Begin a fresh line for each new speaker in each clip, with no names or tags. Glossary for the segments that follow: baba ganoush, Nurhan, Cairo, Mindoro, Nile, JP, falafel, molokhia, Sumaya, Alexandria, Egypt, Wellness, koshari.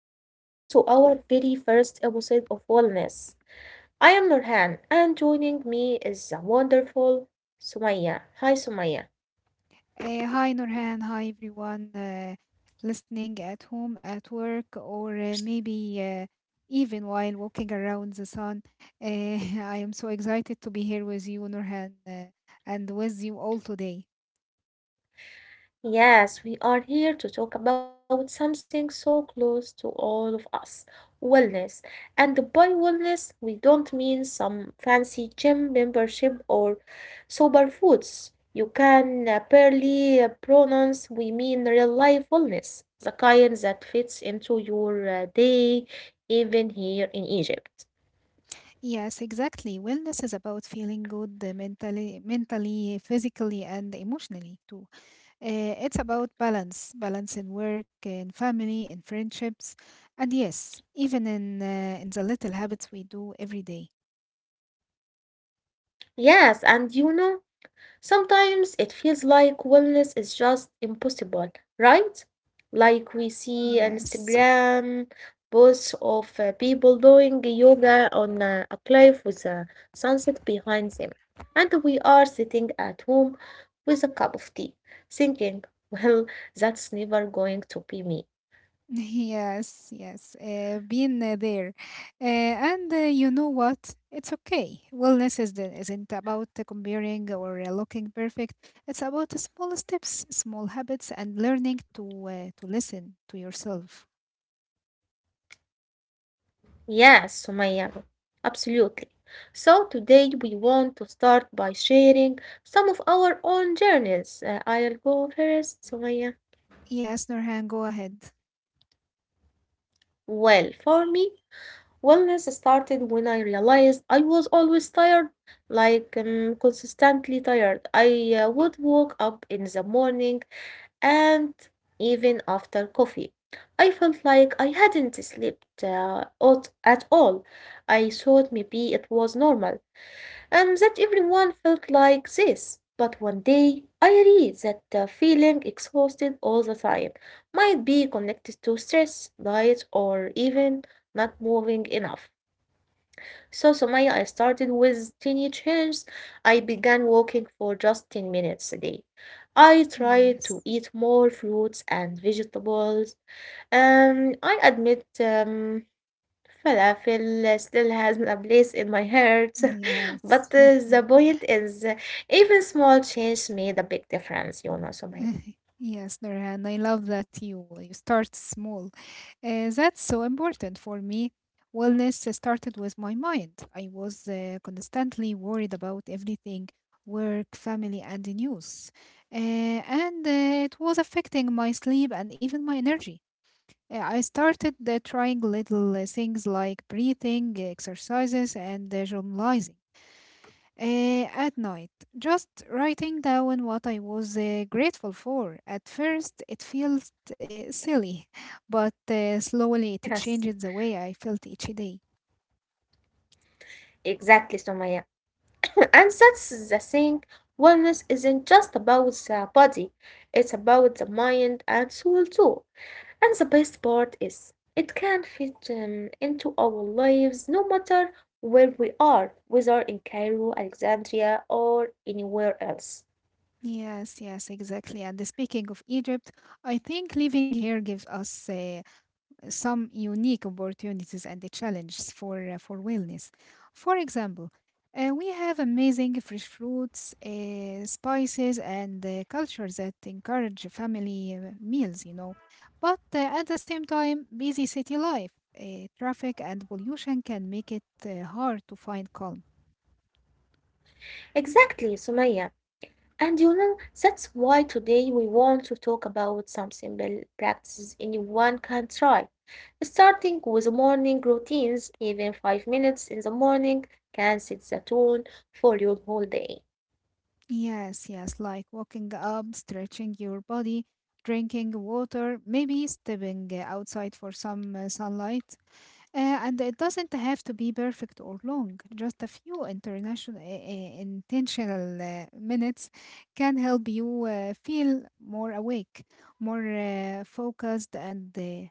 and welcome to our very first episode of Wellness. I am Nurhan, and joining me is the wonderful Sumaya. Hi, Sumaya.
Hi Nurhan, hi everyone, listening at home, at work, or maybe even while walking around the sun. Uh, I am so excited to be here with you, Nurhan, and with you all today.
Yes, we are here to talk about something so close to all of us wellness. And by wellness, we don't mean some fancy gym membership or superfoods you can barely pronounce. We mean real life wellness, the kind that fits into your day, even here in Egypt.
Yes, exactly. Wellness is about feeling good, uh, mentally, physically, and emotionally too. It's about balance, balance in work, in family, in friendships, and yes, even in the little habits we do every day.
Yes, and sometimes it feels like wellness is just impossible, right? Like we see on
Yes,
Instagram posts of people doing yoga on a cliff with a sunset behind them. And we are sitting at home with a cup of tea, thinking, well, that's never going to be me.
yes, yes. Being there, and You know what? It's okay. Wellness isn't about comparing or looking perfect. It's about the small steps, small habits, and learning to listen to yourself.
Yes, Sumaya, absolutely. So today we want to start by sharing some of our own journeys. I'll go first, Sumaya.
Yes, Nurhan, go ahead.
Well, for me, wellness started when I realized I was always tired, like consistently tired. I would wake up in the morning and even after coffee. I felt like I hadn't slept at all. I thought maybe it was normal, and that everyone felt like this. But one day I read that feeling exhausted all the time might be connected to stress, diet, or even not moving enough. So, Somaya, I started with tiny changes. I began walking for just 10 minutes a day. I tried to
Yes,
eat more fruits and vegetables. I admit, falafel still has a place in my heart, but
yes.
the point is, even small change made a big difference, you know, Sumaya.
Yes, Nurhan, I love that you start small. That's so important for me. Wellness started with my mind. I was constantly worried about everything, work, family, and the news, uh, and it was affecting my sleep and even my energy. I started trying little things like breathing exercises and journalizing. At night, just writing down what I was grateful for. At first, it felt silly, but slowly it
Yes.
changed the way I felt each day.
Exactly, Sumaya. And that's the thing. Wellness isn't just about the body, it's about the mind and soul too. And the best part is, it can fit into our lives no matter where we are, whether in Cairo, Alexandria, or anywhere else.
Yes, exactly. And speaking of Egypt, I think living here gives us some unique opportunities and the challenges for wellness. For example, we have amazing fresh fruits, spices, and cultures that encourage family meals, you know. But at the same time, busy city life, traffic, and pollution can make it hard to find calm.
Exactly, Sumaya. And that's why today we want to talk about some simple practices anyone can try. Starting with morning routines, even 5 minutes in the morning can set the tone for your whole day.
Yes, like walking up, stretching your body, drinking water, maybe stepping outside for some sunlight. And it doesn't have to be perfect or long. Just a few intentional minutes can help you feel more awake, more focused, and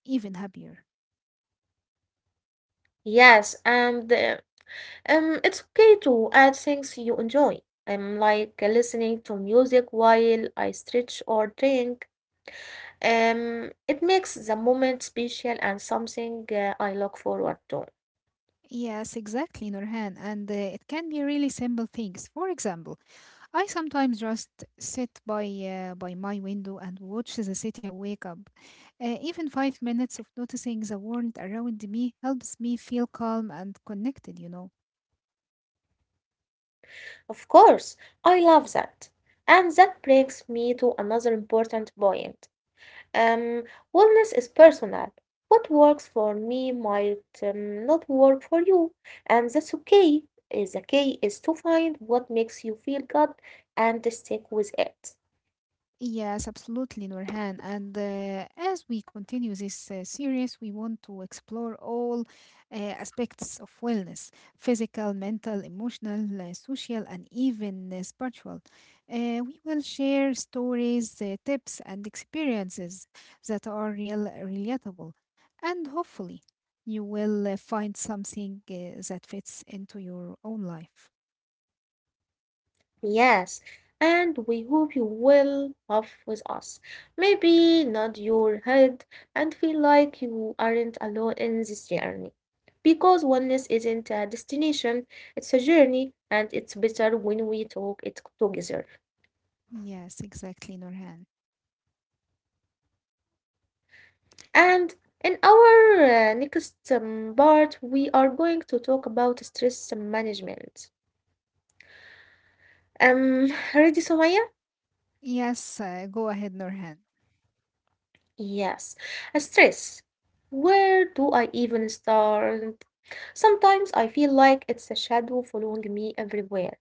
even happier.
Yes, and it's okay to add things you enjoy. Like listening to music while I stretch or drink. It makes the moment special and something I look forward to.
Yes, exactly, Nurhan. And it can be really simple things. For example, I sometimes just sit by my window and watch the city wake up. Even five minutes of noticing the world around me helps me feel calm and connected,
Of course, I love that. And that brings me to another important point. Um, wellness is personal. What works for me might not work for you, and that's okay. Is the key is to find what makes you feel good and stick with it.
Yes, absolutely, Nurhan. And as we continue this series, we want to explore all aspects of wellness: physical, mental, emotional, social, and even spiritual. We will share stories, tips, and experiences that are real, relatable. And hopefully, you will find something that fits into your own life.
Yes, and we hope you will laugh with us. Maybe nod your head and feel like you aren't alone in this journey. Because oneness isn't a destination, it's a journey, and it's better when we talk it together.
Yes, exactly, Nurhan.
And in our next part, we are going to talk about stress management. Um, ready, Somaya?
Yes, go ahead, Nurhan.
Yes, stress. Where do I even start? Sometimes I feel like it's a shadow following me everywhere.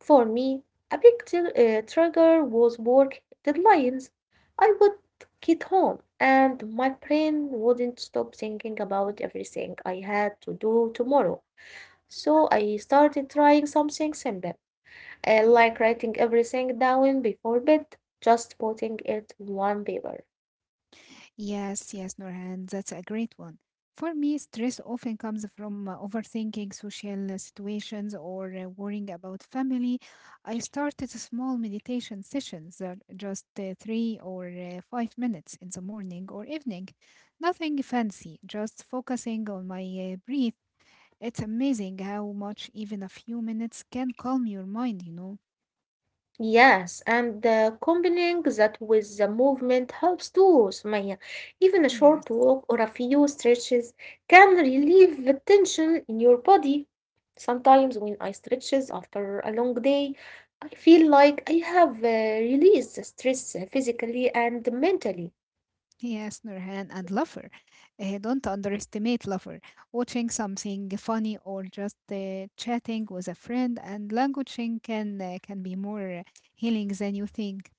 For me, a big trigger was work deadlines. I would get home and my brain wouldn't stop thinking about everything I had to do tomorrow. So I started trying something simple, like writing everything down before bed, just putting it on paper.
Yes, Nurhan, that's a great one. For me, stress often comes from overthinking social situations or worrying about family. I started small meditation sessions, just three or five minutes in the morning or evening. Nothing fancy, just focusing on my breath. It's amazing how much even a few minutes can calm your mind, you know?
Yes, and combining that with the movement helps too, Sumaya. Even a
Yeah.
short walk or a few stretches can relieve the tension in your body. Sometimes when I stretches after a long day, I feel like I have released the stress physically and mentally.
Yes, Nurhan, and Lover. Don't underestimate Lover. Watching something funny or just chatting with a friend and languaging can be more healing than you think.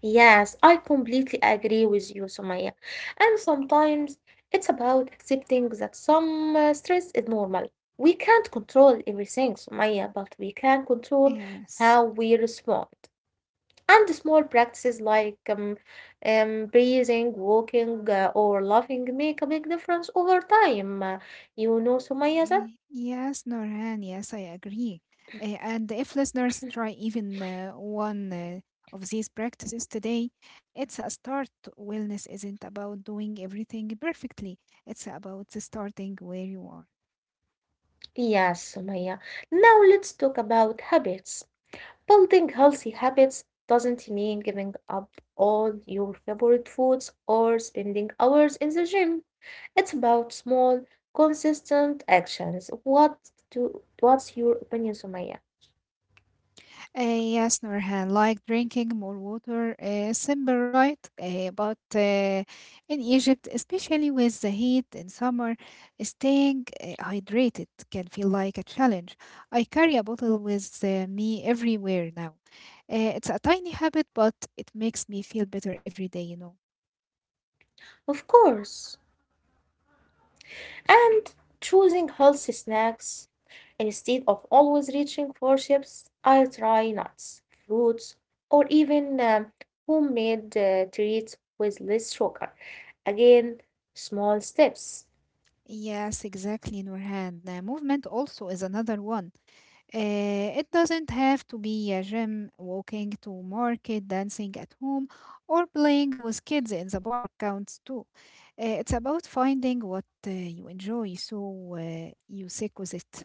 Yes, I completely agree with you, Sumaya. And sometimes it's about accepting that some stress is normal. We can't control everything, Sumaya, but we can control
Yes.
how we respond. And small practices like breathing, walking, or laughing make a big difference over time. You know, Sumaya, that?
Yes, Norhan, yes, I agree. And if listeners try even one of these practices today, it's a start. Wellness isn't about doing everything perfectly, it's about starting where you are.
Yes, Sumaya. Now let's talk about habits. Building healthy habits doesn't mean giving up all your favorite foods or spending hours in the gym. It's about small, consistent actions. What's your opinion, Sumaya?
Yes, Nurhan, like drinking more water, simple, right? But in Egypt, especially with the heat in summer, staying hydrated can feel like a challenge. I carry a bottle with me everywhere now. It's a tiny habit, but it makes me feel better every day, you know.
Of course. And choosing healthy snacks instead of always reaching for chips, I try nuts, fruits, or even homemade treats with less sugar. Again, small steps.
Yes, exactly, Nurhan. Movement also is another one. It doesn't have to be a gym, walking to market, dancing at home, or playing with kids in the park counts too. It's about finding what you enjoy so you stick with it.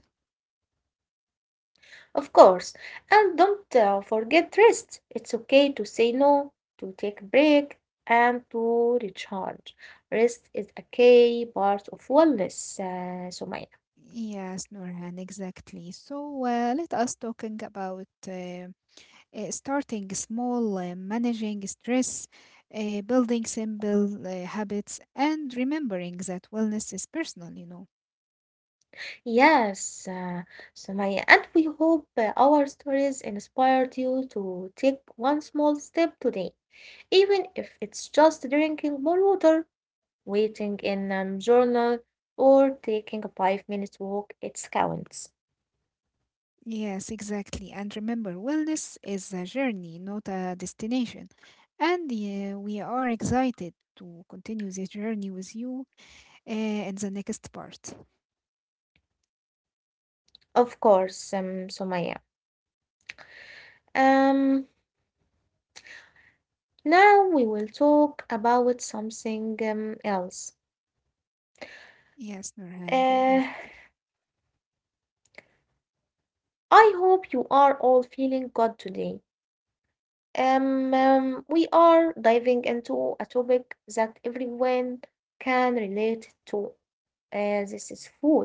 Of course. And don't forget rest. It's okay to say no, to take a break, and to recharge. Rest is a key part of wellness, Sumaya.
Yes, Nurhan, exactly. So let us talking about starting small, managing stress, building simple habits, and remembering that wellness is personal, you know.
Yes, Sumaya. And we hope our stories inspired you to take one small step today, even if it's just drinking more water, waiting in a journal, or taking a 5-minute walk. It counts.
Yes, exactly. And remember, wellness is a journey, not a destination. And we are excited to continue this journey with you in the next part.
Of course, Sumaya. Um, Now we will talk about something else.
Yes, Nurhan,
Uh,
go ahead.
I hope you are all feeling good today. We are diving into a topic that everyone can relate to. This is food.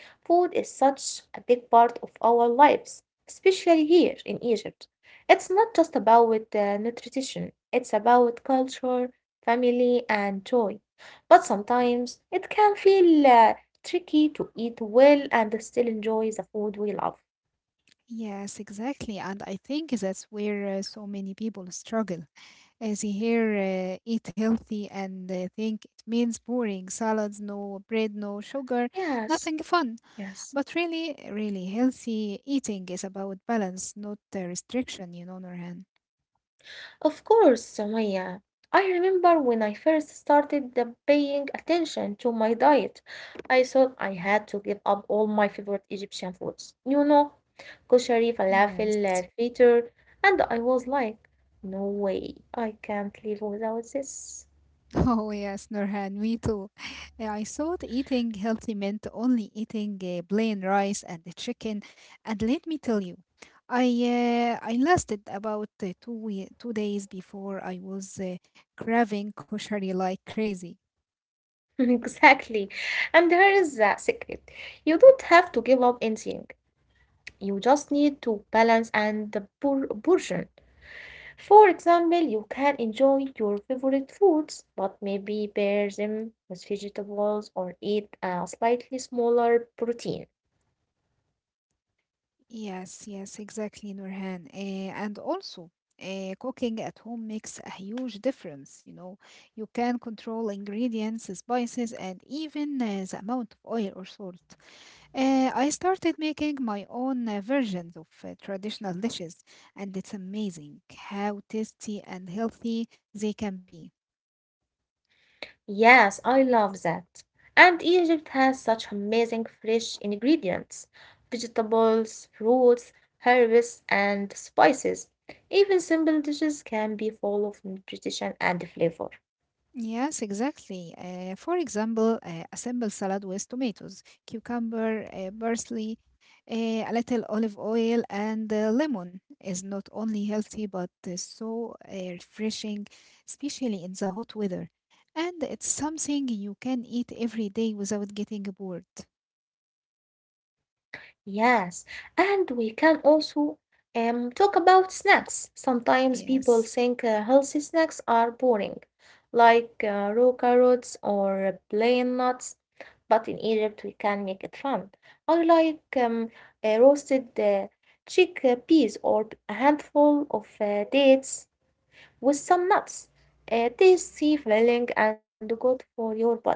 Food is such a big part of our lives, especially here in Egypt. It's not just about nutrition, it's about culture, family, and joy. But sometimes it can feel tricky to eat well and still enjoy the food we love.
Yes, exactly. And I think that's where so many people struggle. As they hear eat healthy and they think it means boring salads, no bread, no sugar,
Yes,
nothing fun.
yes.
But really, healthy eating is about balance, not restriction, you know, Norhan.
Of course, Sumaya. I remember when I first started the paying attention to my diet, I thought I had to give up all my favorite Egyptian foods. You know, koshari,
Yes.
falafel, fritter, and I was like, no way, I can't live without this.
Oh yes, Nurhan, me too. Yeah, I thought eating healthy meant only eating plain rice and the chicken, and let me tell you, I I lasted about two days before I was craving koshari like crazy.
Exactly. And here is the secret. You don't have to give up anything. You just need to balance and the portion. For example, you can enjoy your favorite foods, but maybe pair them with vegetables or eat a slightly smaller protein.
Yes, exactly, Nurhan. And also, cooking at home makes a huge difference. You know, you can control ingredients, spices, and even the amount of oil or salt. I started making my own versions of traditional dishes, and it's amazing how tasty and healthy they can be.
Yes, I love that. And Egypt has such amazing fresh ingredients vegetables, fruits, herbs, and spices. Even simple dishes can be full of nutrition and flavor.
Yes, exactly. For example, a simple salad with tomatoes, cucumber, parsley, a little olive oil, and lemon is not only healthy but so refreshing, especially in the hot weather. And it's something you can eat every day without getting bored.
Yes, and we can also talk about snacks. Sometimes people
Yes.
think healthy snacks are boring, like raw carrots or plain nuts, but in Egypt we can make it fun. I like roasted chickpeas or a handful of dates with some nuts. Tastes filling, and good for your body.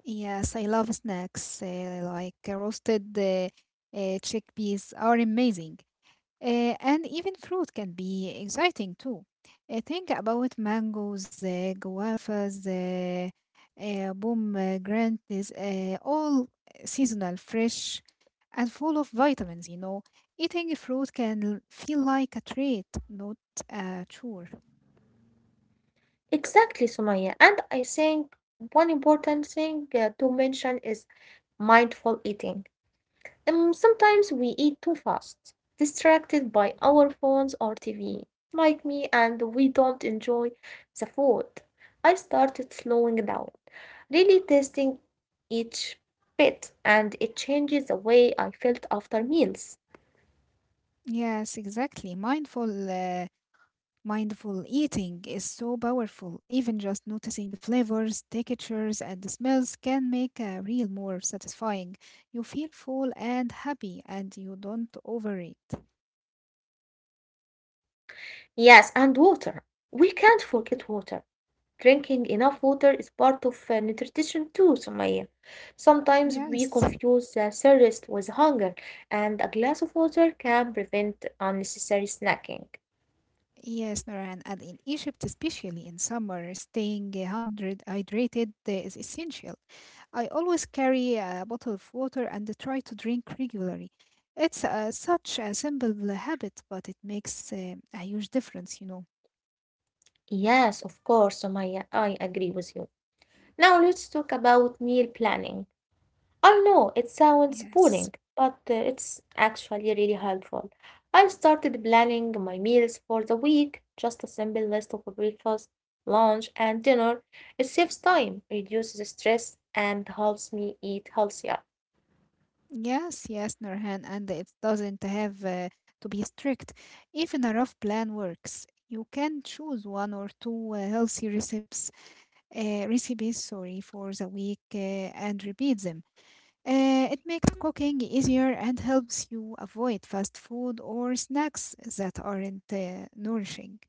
Yes, I love snacks like roasted chickpeas are amazing. And even fruit can be exciting too. Think about mangoes, guavas, pomegranates, all seasonal, fresh, and full of vitamins, you know. Eating fruit can feel like a treat, not a chore.
Exactly, Sumaya. And I think one important thing to mention is mindful eating. Sometimes we eat too fast, distracted by our phones or TV, like me, and we don't enjoy the food. I started slowing down, really tasting each bit, and it changes the way I felt after meals.
Yes, exactly. Mindful eating is so powerful. Even just noticing flavors, textures, and smells can make a meal more satisfying. You feel full and happy, and you don't overeat.
Yes, and water. We can't forget water. Drinking enough water is part of nutrition too, Sumaya. Sometimes we
Yes,
confuse thirst with hunger, and a glass of water can prevent unnecessary snacking.
yes, Noran. And in Egypt, especially in summer, staying hundred hydrated is essential. I always carry a bottle of water and try to drink regularly. It's such a simple habit, but it makes a huge difference, you know.
Yes, of course, Sumaya, I agree with you. Now let's talk about meal planning. I know it sounds
Yes.
boring, but it's actually really helpful. I started planning my meals for the week, just a simple list of breakfast, lunch, and dinner. It saves time, reduces stress, and helps me eat healthier.
Yes, Nurhan, and it doesn't have to be strict. Even a rough plan works. You can choose one or two healthy recipes, sorry, for the week and repeat them. It makes cooking easier and helps you avoid fast food or snacks that aren't nourishing.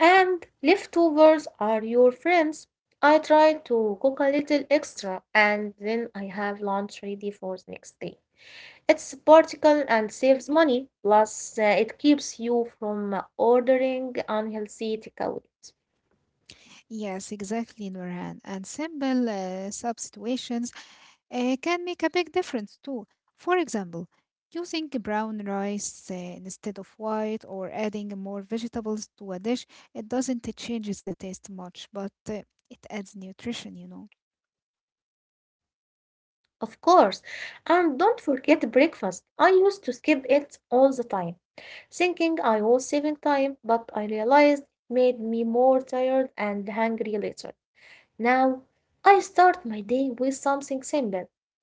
And leftovers are your friends. I try to cook a little extra, and then I have lunch ready for the next day. It's practical and saves money, plus, it keeps you from ordering unhealthy takeout.
Yes, exactly, Nurhan. And simple substitutions can make a big difference too. For example, using brown rice instead of white or adding more vegetables to a dish, it doesn't change the taste much, but it adds nutrition, you know.
Of course, and don't forget breakfast. I used to skip it all the time, thinking I was saving time, but I realized it made me more tired and hungry later. Now, I start my day with something simple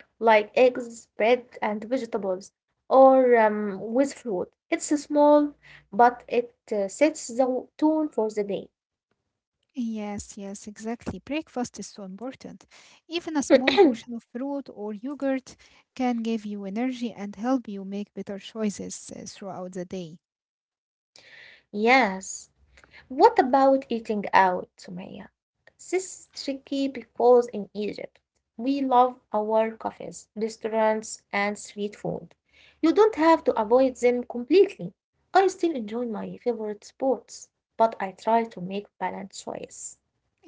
like eggs, bread, and vegetables, or with fruit. It's small, but it sets the tone for the day.
Yes, exactly. Breakfast is so important. Even a small portion of fruit or yogurt can give you energy and help you make better choices throughout the day.
Yes. What about eating out, Sumaya? This is tricky because in Egypt, we love our cafes, restaurants, and street food. You don't have to avoid them completely. I still enjoy my favorite spots, but I try to make balanced choice.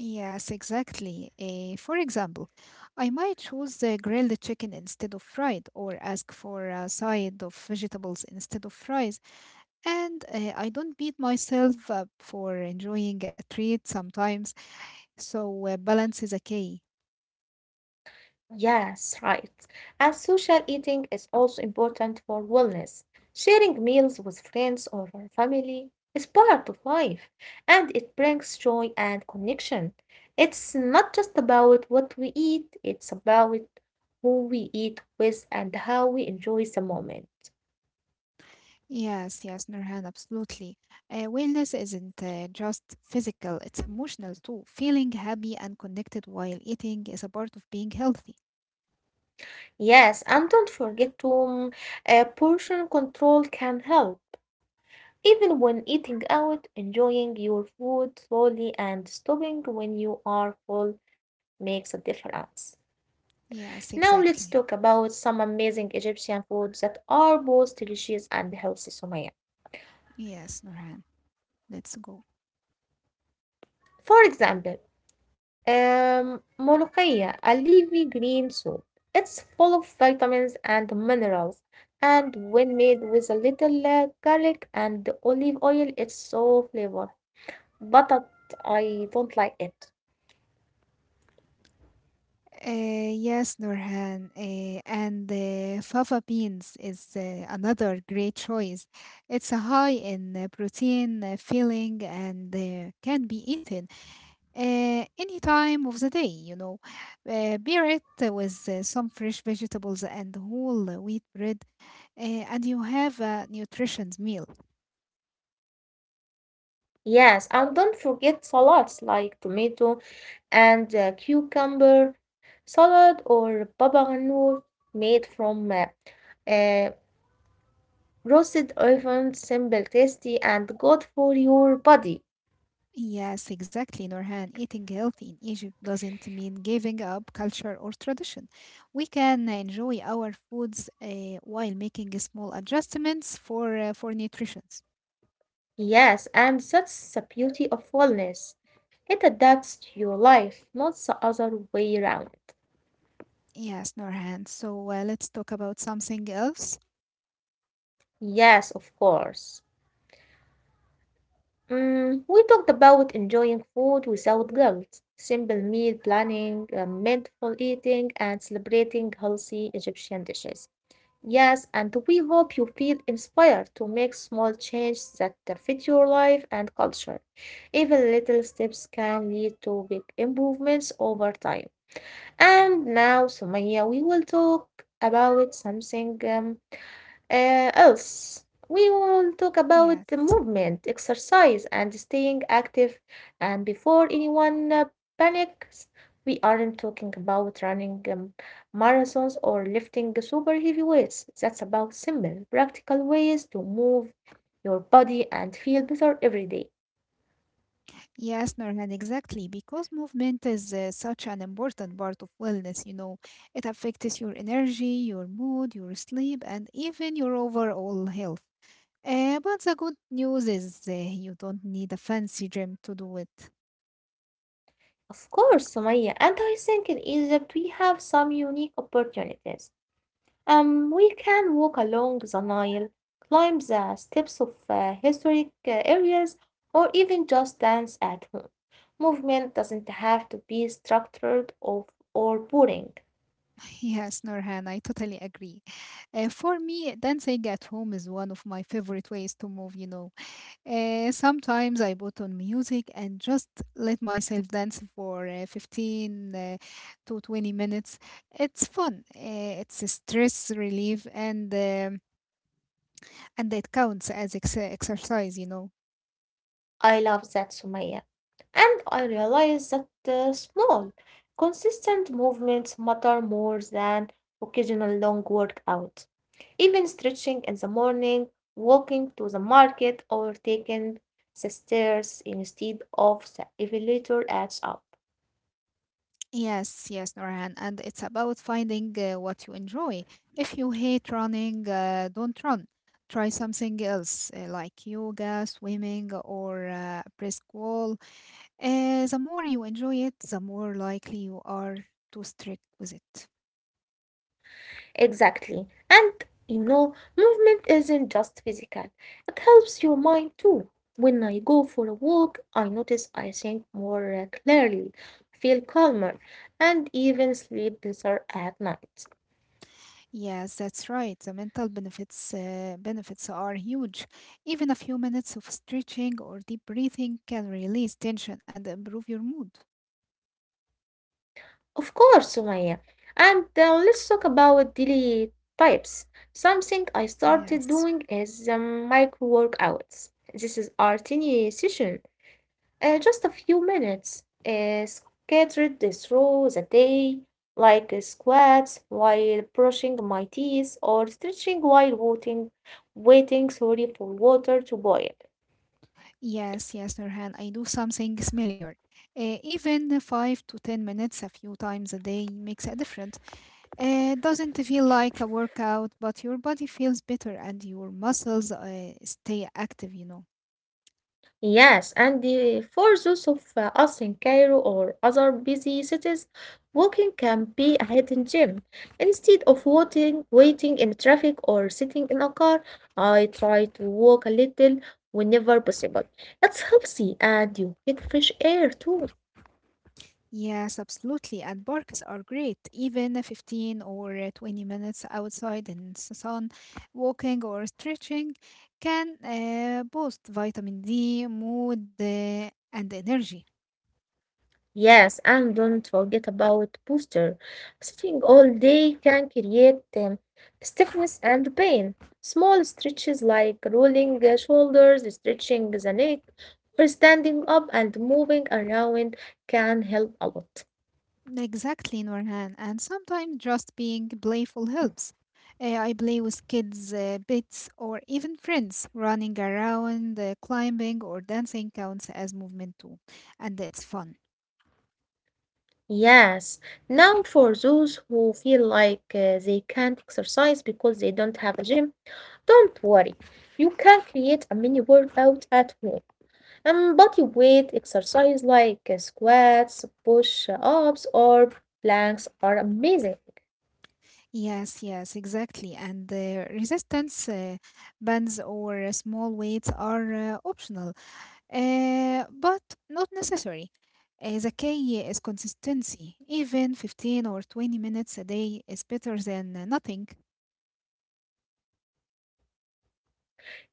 Yes, exactly. For example, I might choose the grilled chicken instead of fried, or ask for a side of vegetables instead of fries. And I don't beat myself up for enjoying a treat sometimes. So balance is a key.
Yes, right. And social eating is also important for wellness. Sharing meals with friends or family is part of life, and it brings joy and connection. It's not just about what we eat, it's about who we eat with and how we enjoy the moment.
Yes, Nurhan, absolutely. Wellness isn't just physical, it's emotional too. Feeling happy and connected while eating is a part of being healthy.
Yes, and don't forget to portion control can help. Even when eating out, enjoying your food slowly and stopping when you are full makes a difference. Now
Yes,
let's talk
exactly.
about some amazing Egyptian foods that are both delicious and healthy, Sumaya.
Yes, Nurhan, let's go.
For example, molokhia, a leafy green soup. It's full of vitamins and minerals, and when made with a little garlic and olive oil, it's so flavorful. But I don't like it.
Yes, Nurhan, and fava beans is another great choice. It's high in protein, filling, and can be eaten uh, any time of the day, you know. Pair it with some fresh vegetables and whole wheat bread, and you have a nutritious meal.
Yes, and don't forget salads like tomato and cucumber salad or baba ganoush made from uh, roasted almonds, simple, tasty, and good for your body.
Yes, exactly, Norhan. Eating healthy in Egypt doesn't mean giving up culture or tradition. We can enjoy our foods while making small adjustments for nutrition.
Yes, and that's the beauty of wellness. It adapts to your life, not the other way around.
Yes, Norhan. So let's talk about something else.
Yes, of course. Mm, we talked about enjoying food without guilt, simple meal planning, mindful eating, and celebrating healthy Egyptian dishes. Yes, and we hope you feel inspired to make small changes that fit your life and culture. Even little steps can lead to big improvements over time. And now, Sumaya, we will talk about something else. We will talk about the
Yes.
movement, exercise, and staying active. And before anyone panics, we aren't talking about running marathons or lifting super heavy weights. That's about simple, practical ways to move your body and feel better every day.
Yes, Norhan, exactly. Because movement is such an important part of wellness, you know, it affects your energy, your mood, your sleep, and even your overall health. But the good news is you don't need a fancy gym to do it.
Of course, Sumaya, and I think in Egypt we have some unique opportunities. We can walk along the Nile, climb the steps of historic areas, or even just dance at home. Movement doesn't have to be structured or boring.
Yes, Norhan, I totally agree. For me, dancing at home is one of my favorite ways to move, you know. Sometimes I put on music and just let myself dance for 15 to 20 minutes. It's fun, it's a stress relief, and it counts as exercise, you know.
I love that, Sumaya. And I realize that small, consistent movements matter more than occasional long workout. Even stretching in the morning, walking to the market, or taking the stairs instead of the elevator adds up.
Yes, Norhan, and it's about finding what you enjoy. If you hate running, don't run. Try something else like yoga, swimming, or brisk wall. The more you enjoy it, the more likely you are to stick with it.
Exactly. And you know, movement isn't just physical, it helps your mind too. When I go for a walk, I notice I think more clearly, feel calmer, and even sleep better at night.
Yes, that's right. The mental benefits are huge. Even a few minutes of stretching or deep breathing can release tension and improve your mood.
Of course, Sumaya. And let's talk about daily types. Something I started
Yes.
doing is micro workouts. This is our tiny session, just a few minutes, scattered through the day, like squats while brushing my teeth or stretching while waiting sorry, for water to boil.
Yes, yes, Nurhan, I do something similar. Even 5 to 10 minutes a few times a day makes a difference. It doesn't feel like a workout, but your body feels better and your muscles stay active.
Yes, and for those of us in Cairo or other busy cities, walking can be a hidden gem. Instead of waiting in traffic or sitting in a car, I try to walk a little whenever possible. It's healthy and you get fresh air too.
Yes, absolutely. And parks are great. Even 15 or 20 minutes outside in the sun, walking or stretching can boost vitamin D, mood, and energy.
Yes, and don't forget about booster. Sitting all day can create stiffness and pain. Small stretches like rolling the shoulders, stretching the neck, or standing up and moving around can help a lot.
Exactly, Norhan. And sometimes just being playful helps. I play with kids, pets, or even friends. Running around, climbing, or dancing counts as movement too. And it's fun.
Yes. Now, for those who feel like they can't exercise because they don't have a gym, don't worry. You can create a mini workout at home. Body weight exercise like squats, push ups, or planks are amazing.
Yes, yes, exactly. And resistance bands or small weights are optional, but not necessary. The key is consistency. Even 15 or 20 minutes a day is better than nothing.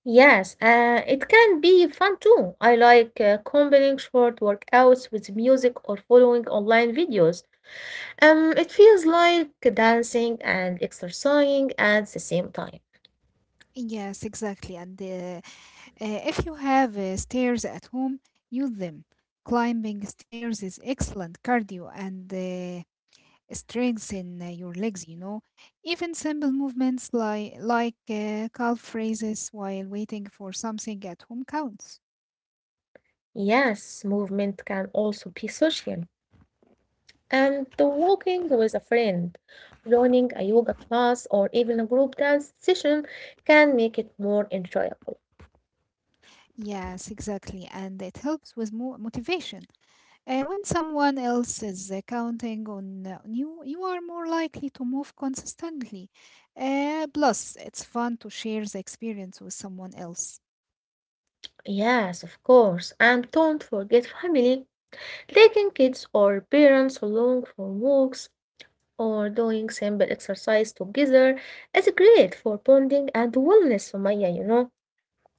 Yes, it can be fun too. I like combining short workouts with music or following online videos. It feels like dancing and exercising at the same time.
Yes, exactly. And if you have stairs at home, use them. Climbing stairs is excellent cardio and strengthen your legs. Even simple movements like calf raises while waiting for something at home counts.
Yes, movement can also be social. And the walking with a friend, joining a yoga class, or even a group dance session can make it more enjoyable.
Yes, exactly. And it helps with mo motivation. When someone else is counting on you, you are more likely to move consistently. Plus, it's fun to share the experience with someone else.
Yes, of course. And don't forget family, taking kids or parents along for walks or doing simple exercise together is great for bonding and wellness, Sumaya,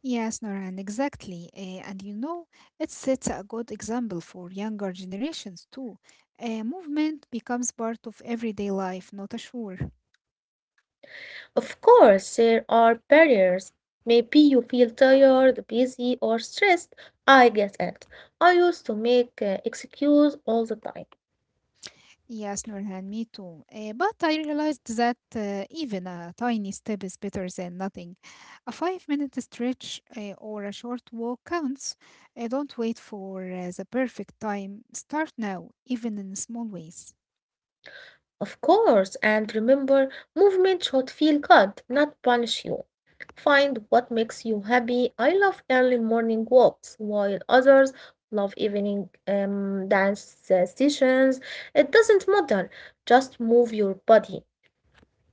Yes, Norhan, exactly. And you know, it sets a good example for younger generations too. Movement becomes part of everyday life, not a chore.
Of course, there are barriers. Maybe you feel tired, busy, or stressed. I get it. I used to make excuse all the time.
Yes, Nurhan, me too. But I realized that even a tiny step is better than nothing. A 5 minute stretch or a short walk counts. Don't wait for the perfect time. Start now, even in small ways.
Of course, and remember, movement should feel good, not punish you. Find what makes you happy. I love early morning walks, while others love evening dance sessions. It doesn't matter, just move your body.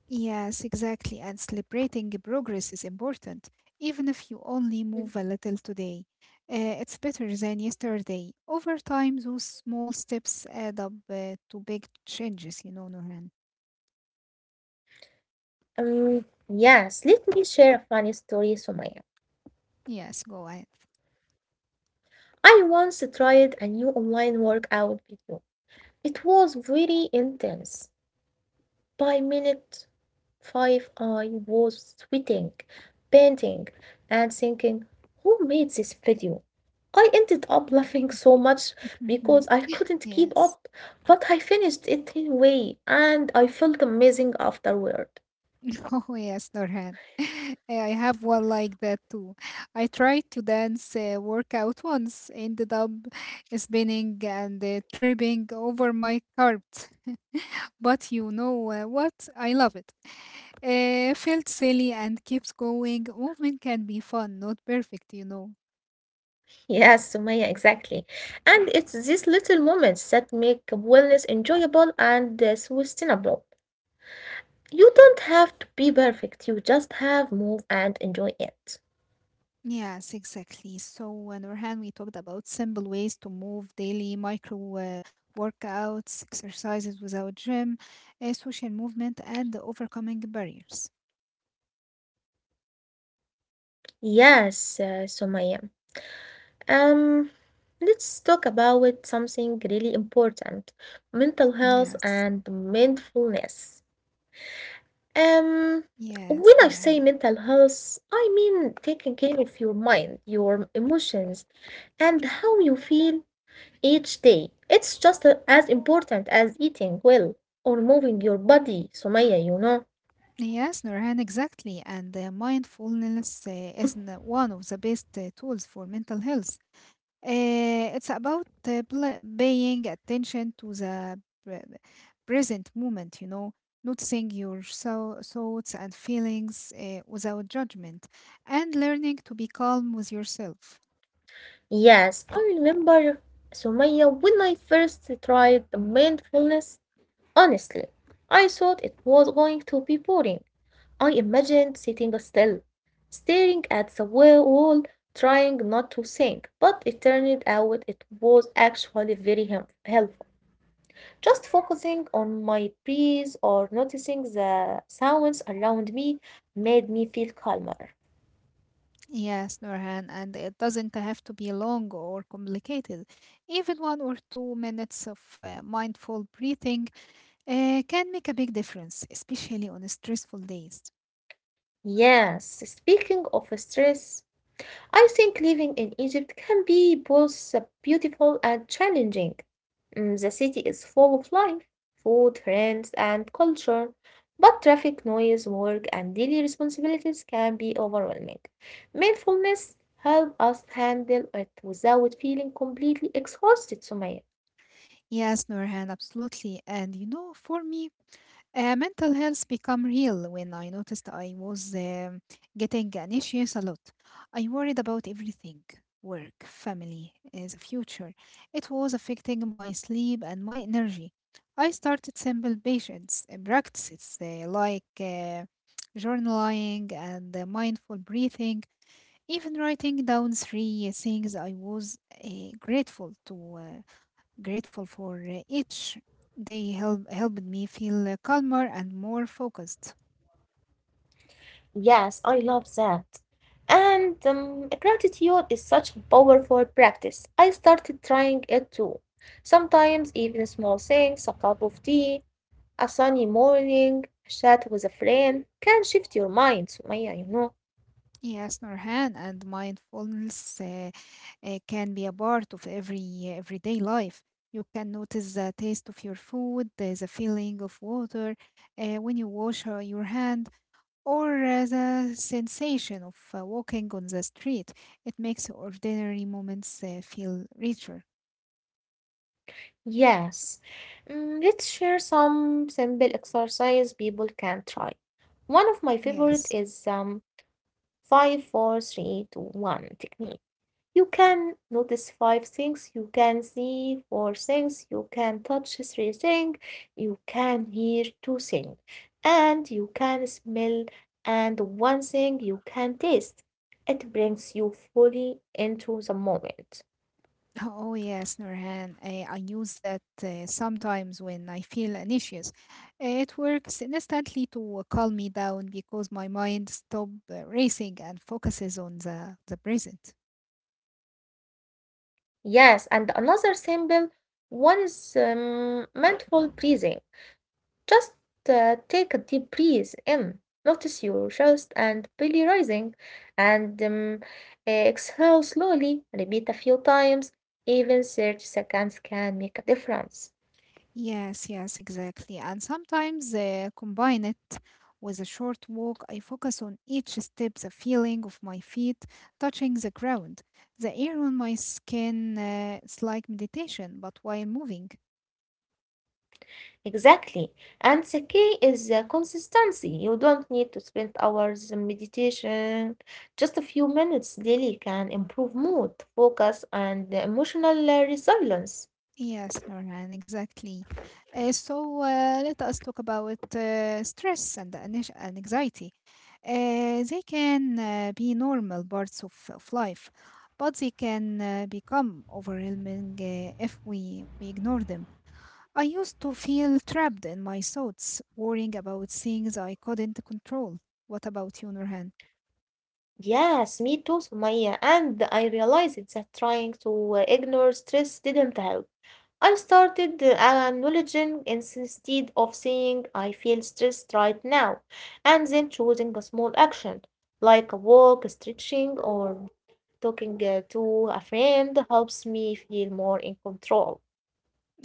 Yes, exactly. And celebrating progress is important, even if you only move a little today. It's better than yesterday. Over time, those small steps add up to big changes, you know, Nurhan.
Yes, let me share a funny story, Sumaya.
Yes, go ahead.
I once tried a new online workout video. It was very intense. By minute five, I was sweating, panting, and thinking, who made this video? I ended up laughing so much because
Mhm.
I couldn't keep
Yes.
up, but I finished it anyway, and I felt amazing afterward.
Oh, yes, Norhan. I have one like that too. I tried to dance workout once, ended up spinning and tripping over my carpet. But you know what? I love it. Felt silly and kept going. Movement can be fun, not perfect, you know.
Yes, Sumaya, exactly. And it's these little moments that make wellness enjoyable and sustainable. You don't have to be perfect, you just have move and enjoy it.
Yes, exactly. So, on one hand, we talked about simple ways to move daily micro workouts, exercises without gym, social movement, and overcoming barriers.
Yes, Sumaya. Um, let's talk about something really important, mental health
Yes,
and mindfulness. Um, when
yes,
I say
Nurhan.
mental health, I mean taking care of your mind, your emotions, and how you feel each day. It's just as important as eating well or moving your body, Sumaya,
Yes, Nurhan, exactly. And mindfulness
Hmm.
is one of the best tools for mental health. It's about paying attention to the present moment, you know, noticing your thoughts and feelings without judgment, and learning to be calm with yourself.
Yes, I remember, Sumaya, when I first tried the mindfulness, honestly, I thought it was going to be boring. I imagined sitting still, staring at the wall, trying not to think, but it turned out it was actually very helpful. Just focusing on my breath or noticing the sounds around me made me feel calmer.
Yes, Norhan, and it doesn't have to be long or complicated. Even 1 or 2 minutes of mindful breathing can make a big difference, especially on stressful days.
Yes, speaking of stress, I think living in Egypt can be both beautiful and challenging. Mm, the city is full of life, food, friends, and culture, but traffic, noise, work, and daily responsibilities can be overwhelming. Mindfulness helps us handle it without feeling completely exhausted, Sumaya.
Yes, Nurhan, absolutely. And you know, for me, mental health become real when I noticed I was getting anxious a lot. I worried about everything, work, family, the future. It was affecting my sleep and my energy. I started simple patients practices like journaling and mindful breathing, even writing down three things I was uh, grateful to grateful for each. Helped me feel calmer and more focused.
Yes, I love that. And gratitude is such a powerful practice. I started trying it too. Sometimes even small things, a cup of tea, a sunny morning, a chat with a friend can shift your mind, Sumaya,
Yes, Norhan, and mindfulness can be a part of everyday life. You can notice the taste of your food, the feeling of water when you wash your hand, or the sensation of walking on the street. It makes ordinary moments feel richer.
Yes. Mm, let's share some simple exercise people can try. One of my favorite
Yes.
is 5 four, three, two, one technique. You can notice five things, you can see four things, you can touch three things, you can hear two things, and you can smell and one thing you can taste. It brings you fully into the moment.
Oh yes, Nurhan. I use that sometimes when I feel anxious. It works instantly to calm me down because my mind stops racing and focuses on the present.
Yes, and another symbol one is mindful breathing. Just take a deep breath in, notice your chest and belly rising, and exhale slowly. Repeat a few times, even 30 seconds can make a difference.
Yes, yes, exactly. And sometimes combine it with a short walk. I focus on each step, the feeling of my feet touching the ground, the air on my skin. It's like meditation, but while moving.
Exactly. And the key is the consistency. You don't need to spend hours in meditation. Just a few minutes daily can improve mood, focus, and emotional resilience.
Yes, Norhan, exactly. So let us talk about stress and anxiety. They can be normal parts of life, but they can become overwhelming if we ignore them. I used to feel trapped in my thoughts, worrying about things I couldn't control. What about you, Norhan?
Yes, me too, Sumaya. And I realized that trying to ignore stress didn't help. I started acknowledging instead of saying I feel stressed right now, and then choosing a small action like a walk, stretching, or talking to a friend helps me feel more in control.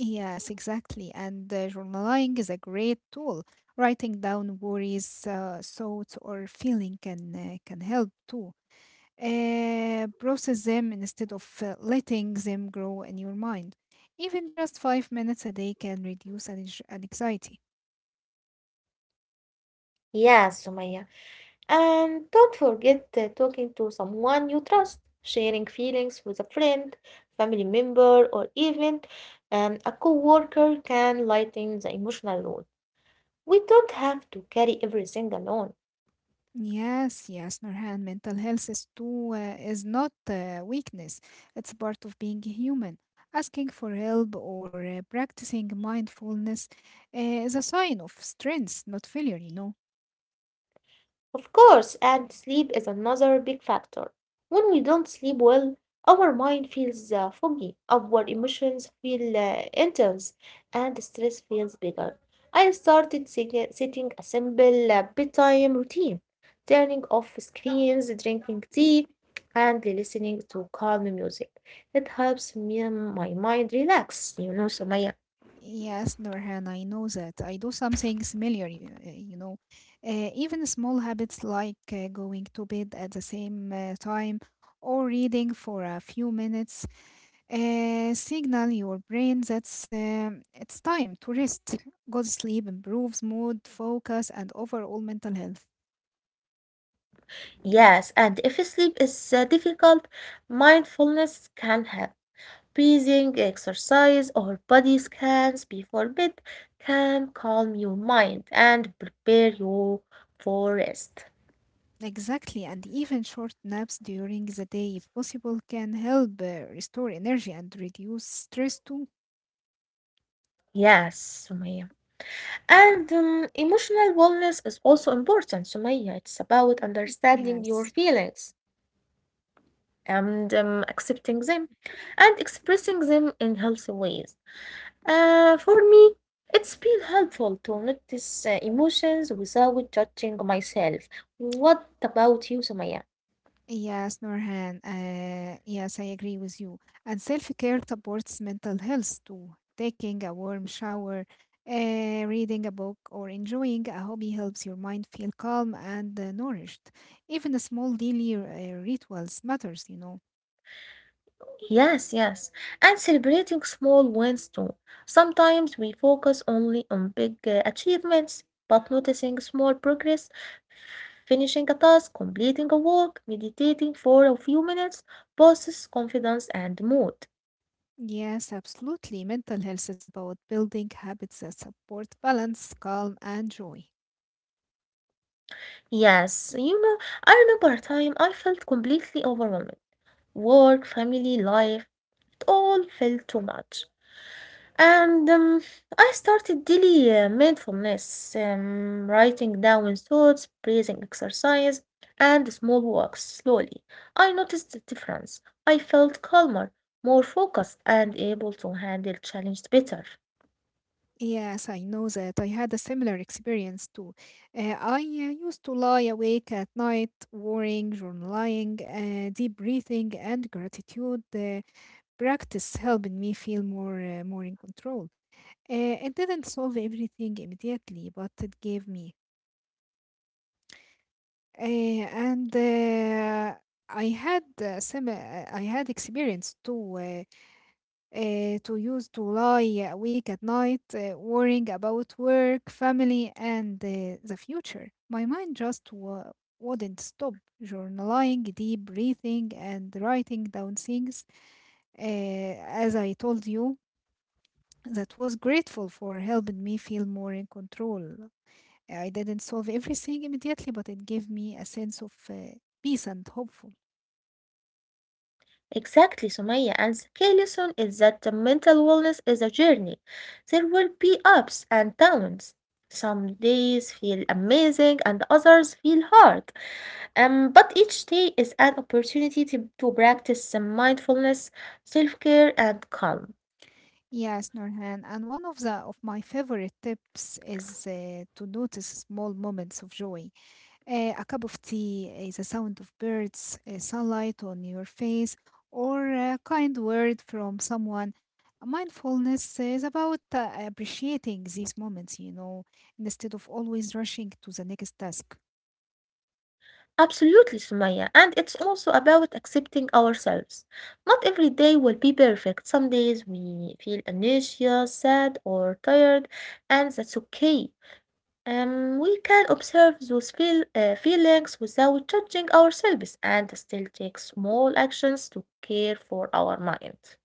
Yes, exactly. And journaling is a great tool. Writing down worries, thoughts, or feeling can help too. Process them instead of letting them grow in your mind. Even just 5 minutes a day can reduce anxiety.
Yes, Sumaya. And don't forget talking to someone you trust, sharing feelings with a friend, family member, or even a coworker can lighten the emotional load. We don't have to carry everything alone.
Yes, yes, Nurhan, mental health is not weakness. It's part of being human. Asking for help or practicing mindfulness is a sign of strength, not failure, you know.
Of course, and sleep is another big factor. When we don't sleep well, our mind feels foggy, our emotions feel intense, and stress feels bigger. I started setting a simple bedtime routine, turning off screens, drinking tea, and listening to calm music. It helps me and my mind relax, Sumaya.
Yes, Nurhan, I know that. I do something similar, you know. Even small habits like going to bed at the same time or reading for a few minutes signal your brain that's it's time to rest. Good sleep improves mood, focus, and overall mental health.
Yes, and if sleep is difficult, mindfulness can help. Breathing exercise or body scans before bed can calm your mind and prepare you for rest.
Exactly, and even short naps during the day, if possible, can help restore energy and reduce stress too.
Yes, Sumaya. And emotional wellness is also important, Sumaya. It's about understanding your
Yes.
feelings and accepting them and expressing them in healthy ways. For me, it's been helpful to notice emotions without judging myself. What about you, Sumaya?
Yes, Norhan. Yes, I agree with you. And self-care supports mental health too. Taking a warm shower, uh, reading a book, or enjoying a hobby helps your mind feel calm and nourished. Even the small daily rituals matters, you know.
Yes, and celebrating small wins too. Sometimes we focus only on big achievements, but noticing small progress, finishing a task, completing a work, meditating for a few minutes, boosts confidence and mood.
Yes, absolutely. Mental health is about building habits that support balance, calm, and joy.
Yes, you know, I remember a time I felt completely overwhelmed. Work, family, life, it all felt too much. And I started daily mindfulness, writing down thoughts, breathing exercise, and small walks slowly. I noticed the difference. I felt calmer, more focused, and able to handle challenges better.
Yes, I know that. I had a similar experience too. I used to lie awake at night, worrying, journaling, deep breathing, and gratitude practice helping me feel more in control. It didn't solve everything immediately, but it gave me Eh, and I had some I had experience to use to lie awake at night, worrying about work, family, and the future. My mind just wa wouldn't stop. Journaling, deep breathing, and writing down things, as I told you, that was grateful for helping me feel more in control. I didn't solve everything immediately, but it gave me a sense of peace and hopeful.
Exactly, Sumaya. And the key lesson is that the mental wellness is a journey. There will be ups and downs. Some days feel amazing, and others feel hard. But each day is an opportunity to practice some mindfulness, self care, and calm.
Yes, Norhan, and one of the of my favorite tips is to notice small moments of joy. A cup of tea, the sound of birds, sunlight on your face, or a kind word from someone. Mindfulness is about appreciating these moments, you know, instead of always rushing to the next task.
Absolutely, Sumaya. And it's also about accepting ourselves. Not every day will be perfect. Some days we feel anxious, sad, or tired, and that's okay. We can observe those feelings without judging ourselves and still take small actions to care for our mind.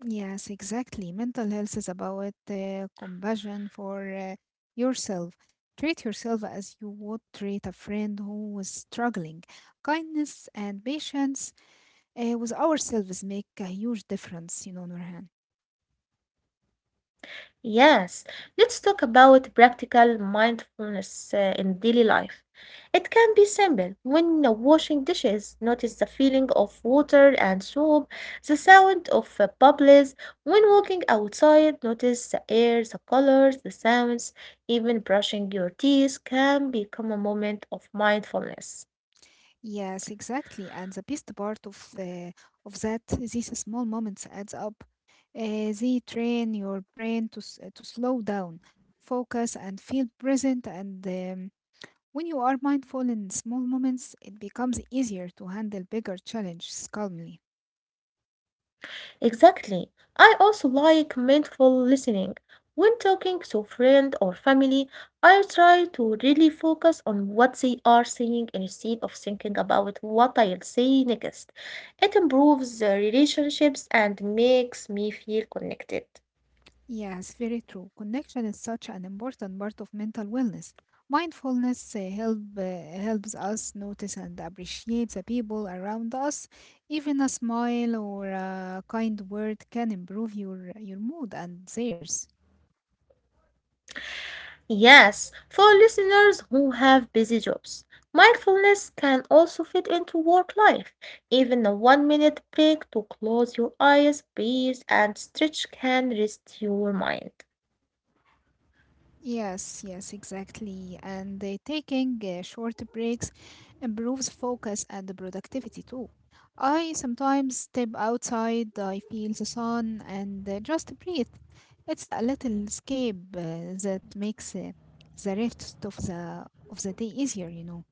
Yes, exactly. Mental health is about compassion for yourself. Treat yourself as you would treat a friend who was struggling. Kindness and patience with ourselves make a huge difference, you know, Nurhan.
Yes, let's talk about practical mindfulness in daily life. It can be simple. When washing dishes, notice the feeling of water and soap, the sound of bubbles. When walking outside, notice the air, the colors, the sounds. Even brushing your teeth can become a moment of mindfulness.
Yes, exactly. And the best part of that, these small moments adds up. They train your brain to slow down, focus, and feel present. And when you are mindful in small moments, it becomes easier to handle bigger challenges calmly.
Exactly. I also like mindful listening. When talking to a friend or family, I try to really focus on what they are saying instead of thinking about what I'll say next. It improves the relationships and makes me feel connected.
Yes, very true. Connection is such an important part of mental wellness. Mindfulness helps us notice and appreciate the people around us. Even a smile or a kind word can improve your mood and theirs.
Yes, for listeners who have busy jobs, mindfulness can also fit into work life. Even a 1 minute break to close your eyes, breathe, and stretch can rest your mind.
Yes, yes, exactly. And taking short breaks improves focus and the productivity too. I sometimes step outside, I feel the sun, and just breathe. It's a little escape that makes the rest of the day easier, you know.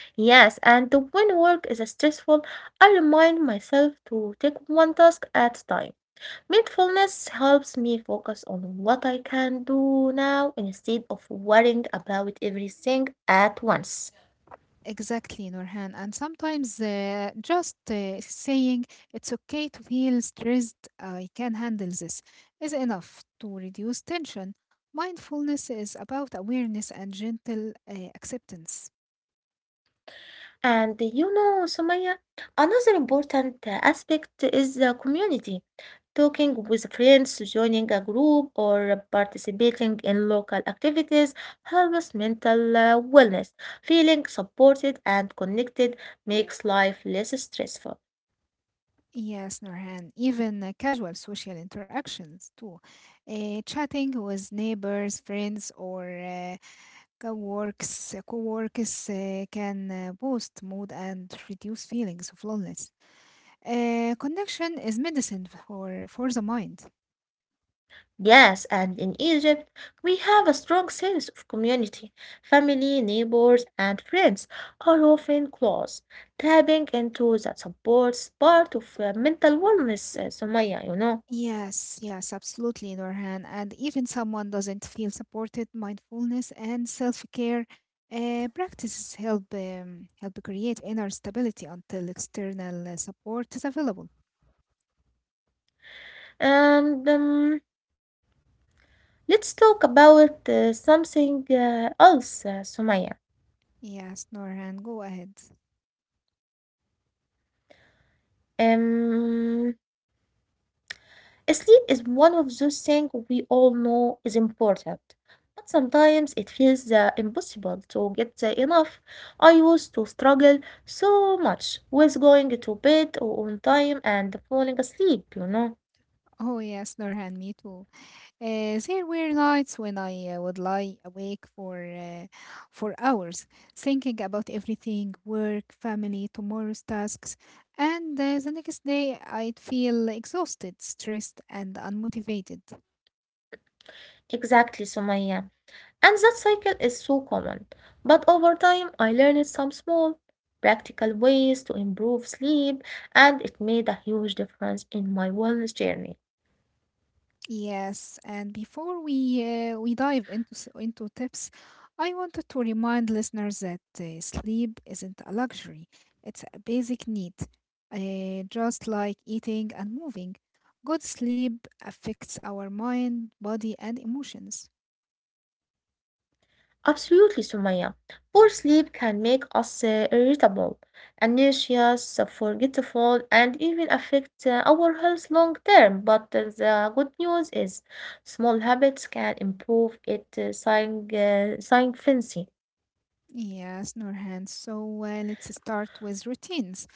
Yes, and when work is stressful, I remind myself to take one task at a time. Mindfulness helps me focus on what I can do now instead of worrying about everything at once.
Exactly, Nurhan. And sometimes just saying it's okay to feel stressed, I can handle this, is enough to reduce tension. Mindfulness is about awareness and gentle acceptance.
And you know, Sumaya, another important aspect is the community. Talking with friends, joining a group, or participating in local activities helps mental wellness. Feeling supported and connected makes life less stressful.
Yes, Norhan. Even casual social interactions too. Chatting with neighbors, friends, or co-workers can boost mood and reduce feelings of loneliness. Connection is medicine for the mind.
Yes, and in Egypt, we have a strong sense of community. Family, neighbors, and friends are often close. Tapping into that supports part of mental wellness, Sumaya.
Yes, yes, absolutely, Norhan. And even someone doesn't feel supported, mindfulness and self-care practices help help create inner stability until external support is available.
And Let's talk about something else, Sumaya.
Yes, Norhan, go ahead.
Um, Sleep is one of those things we all know is important, but sometimes it feels impossible to get enough. I used to struggle so much with going to bed on time and falling asleep.
Oh yes, Norhan, me too. There were nights when I would lie awake for hours, thinking about everything, work, family, tomorrow's tasks, and the next day I'd feel exhausted, stressed, and unmotivated.
Exactly, Sumaya. And that cycle is so common. But over time, I learned some small, practical ways to improve sleep, and it made a huge difference in my wellness journey.
Yes, and before we dive into tips, I wanted to remind listeners that sleep isn't a luxury; it's a basic need, just like eating and moving. Good sleep affects our mind, body, and emotions.
Absolutely, Sumaya. Poor sleep can make us irritable, anxious, forgetful, and even affect our health long term. But the good news is, small habits can improve it significantly.
Yes, Nurhan. So let's start with routines.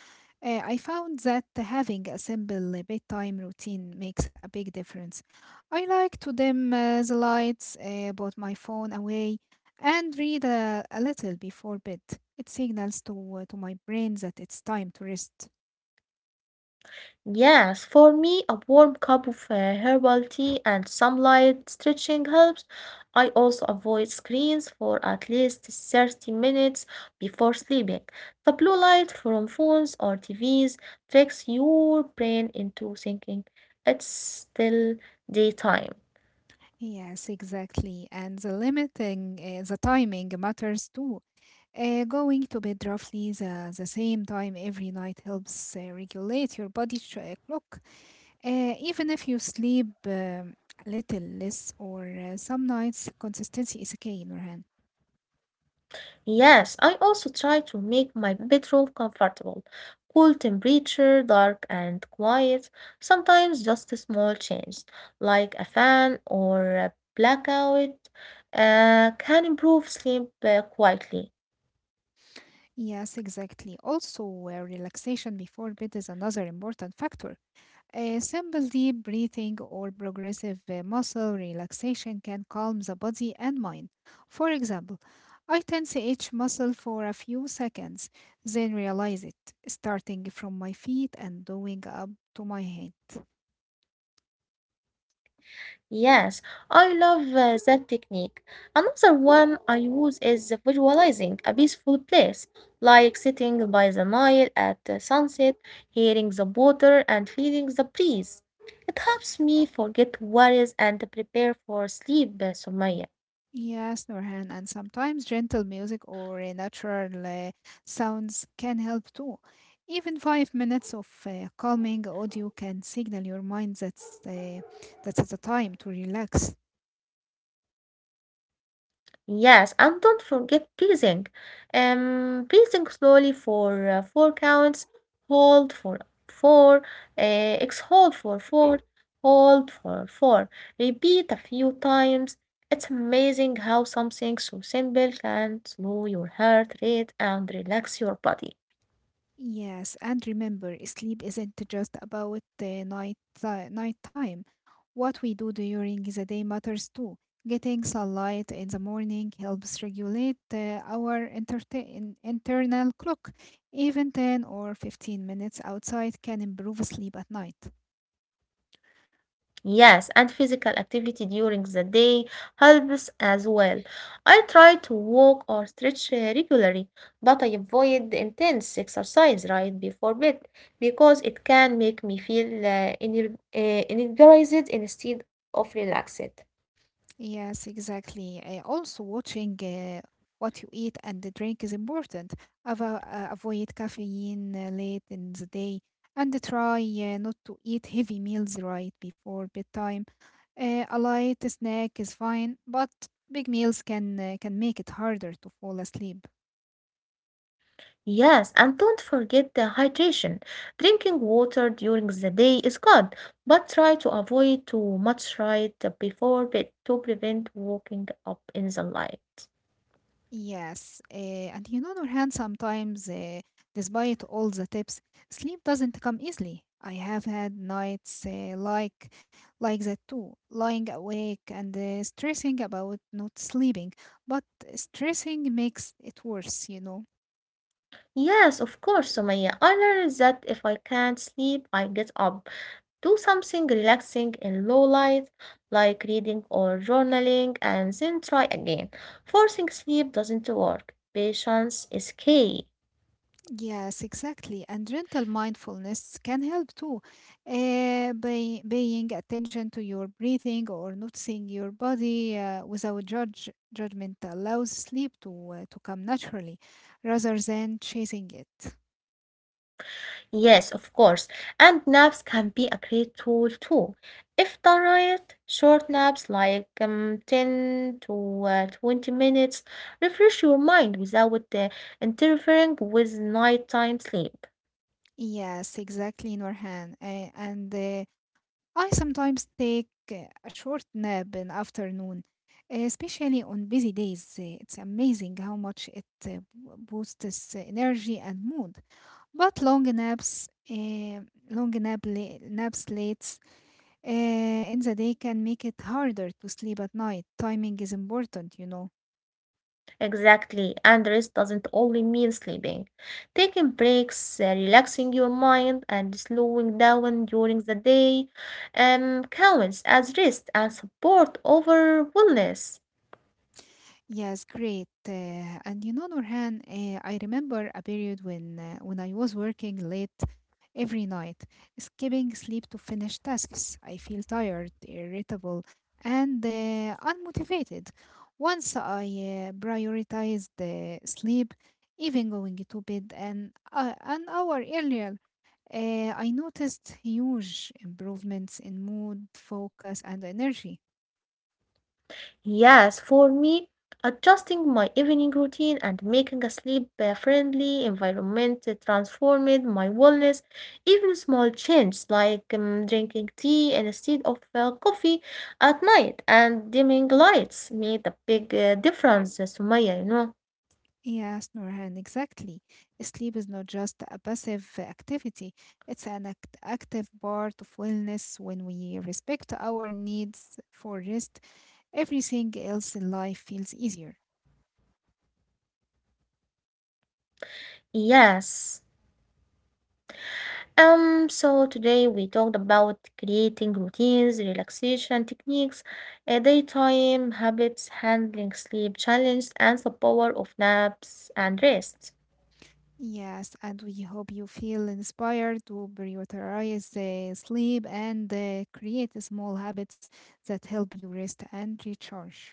I found that having a simple bedtime routine makes a big difference. I like to dim the lights, put my phone away, and read a little before bed. It signals to my brain that it's time to rest.
Yes, for me, a warm cup of herbal tea and some light stretching helps. I also avoid screens for at least 30 minutes before sleeping. The blue light from phones or TVs tricks your brain into thinking it's still daytime.
Yes, exactly. And the timing matters too. Going to bed roughly the same time every night helps regulate your body's clock. Even if you sleep a little less or some nights, consistency is key, Nurhan.
Yes, I also try to make my bedroom comfortable. Cool temperature, dark and quiet. Sometimes just a small change, like a fan or a blackout, can improve sleep quietly.
Yes, exactly. Also, relaxation before bed is another important factor. Simple deep breathing or progressive muscle relaxation can calm the body and mind. For example, I tense each muscle for a few seconds, then realize it, starting from my feet and going up to my head.
Yes, I love that technique. Another one I use is visualizing a peaceful place, like sitting by the Nile at sunset, hearing the water and feeling the breeze. It helps me forget worries and prepare for sleep, Sumaya.
Yes, Nurhan, and sometimes gentle music or natural sounds can help too. Even 5 minutes of calming audio can signal your mind that it's a time to relax.
Yes, and don't forget breathing. Breathing slowly for four counts. Hold for four. Exhale for four. Hold for four. Repeat a few times. It's amazing how something so simple can slow your heart rate and relax your body.
Yes, and remember, sleep isn't just about the night time. What we do during the day matters too. Getting sunlight in the morning helps regulate our internal clock. Even 10 or 15 minutes outside can improve sleep at night.
Yes, and physical activity during the day helps as well. I try to walk or stretch regularly, but I avoid the intense exercise right before bed because it can make me feel energized instead of relaxed.
Yes, exactly. Also, watching what you eat and the drink is important. Avoid caffeine late in the day and try not to eat heavy meals right before bedtime. A light snack is fine, but big meals can make it harder to fall asleep.
Yes, and don't forget the hydration. Drinking water during the day is good, but try to avoid too much right before bed to prevent waking up in the light.
Yes, and you know, Nurhan, sometimes, despite all the tips, sleep doesn't come easily. I have had nights like that too, lying awake and stressing about not sleeping, but stressing makes it worse, you know.
Yes, of course, Sumaya. I learned that if I can't sleep, I get up, do something relaxing in low light, like reading or journaling, and then try again. Forcing sleep doesn't work. Patience is key.
Yes, exactly. And rental mindfulness can help too. By paying attention to your breathing or noticing your body without judge judgment allows sleep to come naturally, rather than chasing it.
Yes, of course. And naps can be a great tool too. If done right, short naps like 10 to 20 minutes refresh your mind without interfering with nighttime sleep.
Yes, exactly, Norhan. And I sometimes take a short nap in afternoon, especially on busy days. It's amazing how much it boosts energy and mood. But long naps, naps late in the day can make it harder to sleep at night. Timing is important, you know.
Exactly, and rest doesn't only mean sleeping. Taking breaks, relaxing your mind, and slowing down during the day counts as rest and support over wellness.
Yes, great. And you know, Nurhan, I remember a period when I was working late every night, skipping sleep to finish tasks. I feel tired, irritable, and unmotivated. Once I prioritized sleep, even going to bed an hour earlier, I noticed huge improvements in mood, focus, and energy.
Yes, for me, adjusting my evening routine and making a sleep friendly environment transformed my wellness. Even small changes like drinking tea instead of coffee at night and dimming lights made a big difference, Sumaya.
Yes, Nurhan, exactly. Sleep is not just a passive activity, it's an active part of wellness when we respect our needs for rest. Everything else in life feels easier.
Yes. So today we talked about creating routines, relaxation techniques, daytime habits, handling sleep challenges, and the power of naps and rest.
Yes, and we hope you feel inspired to prioritize sleep and create small habits that help you rest and recharge.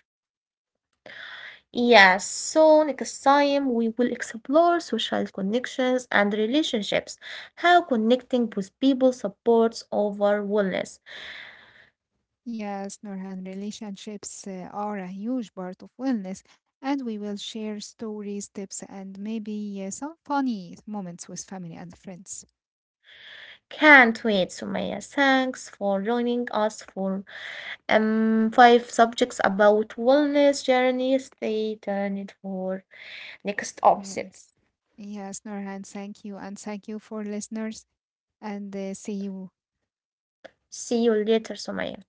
Yes, so next time we will explore social connections and relationships, how connecting with people supports overall wellness.
Yes, Nurhan, relationships are a huge part of wellness, and we will share stories, tips, and maybe some funny moments with family and friends.
Can't wait, Sumaya. Thanks for joining us for five subjects about wellness journey. Stay tuned for next object.
Yes. Yes, Nurhan, thank you. And thank you for listeners, and see you
See you later, Sumaya.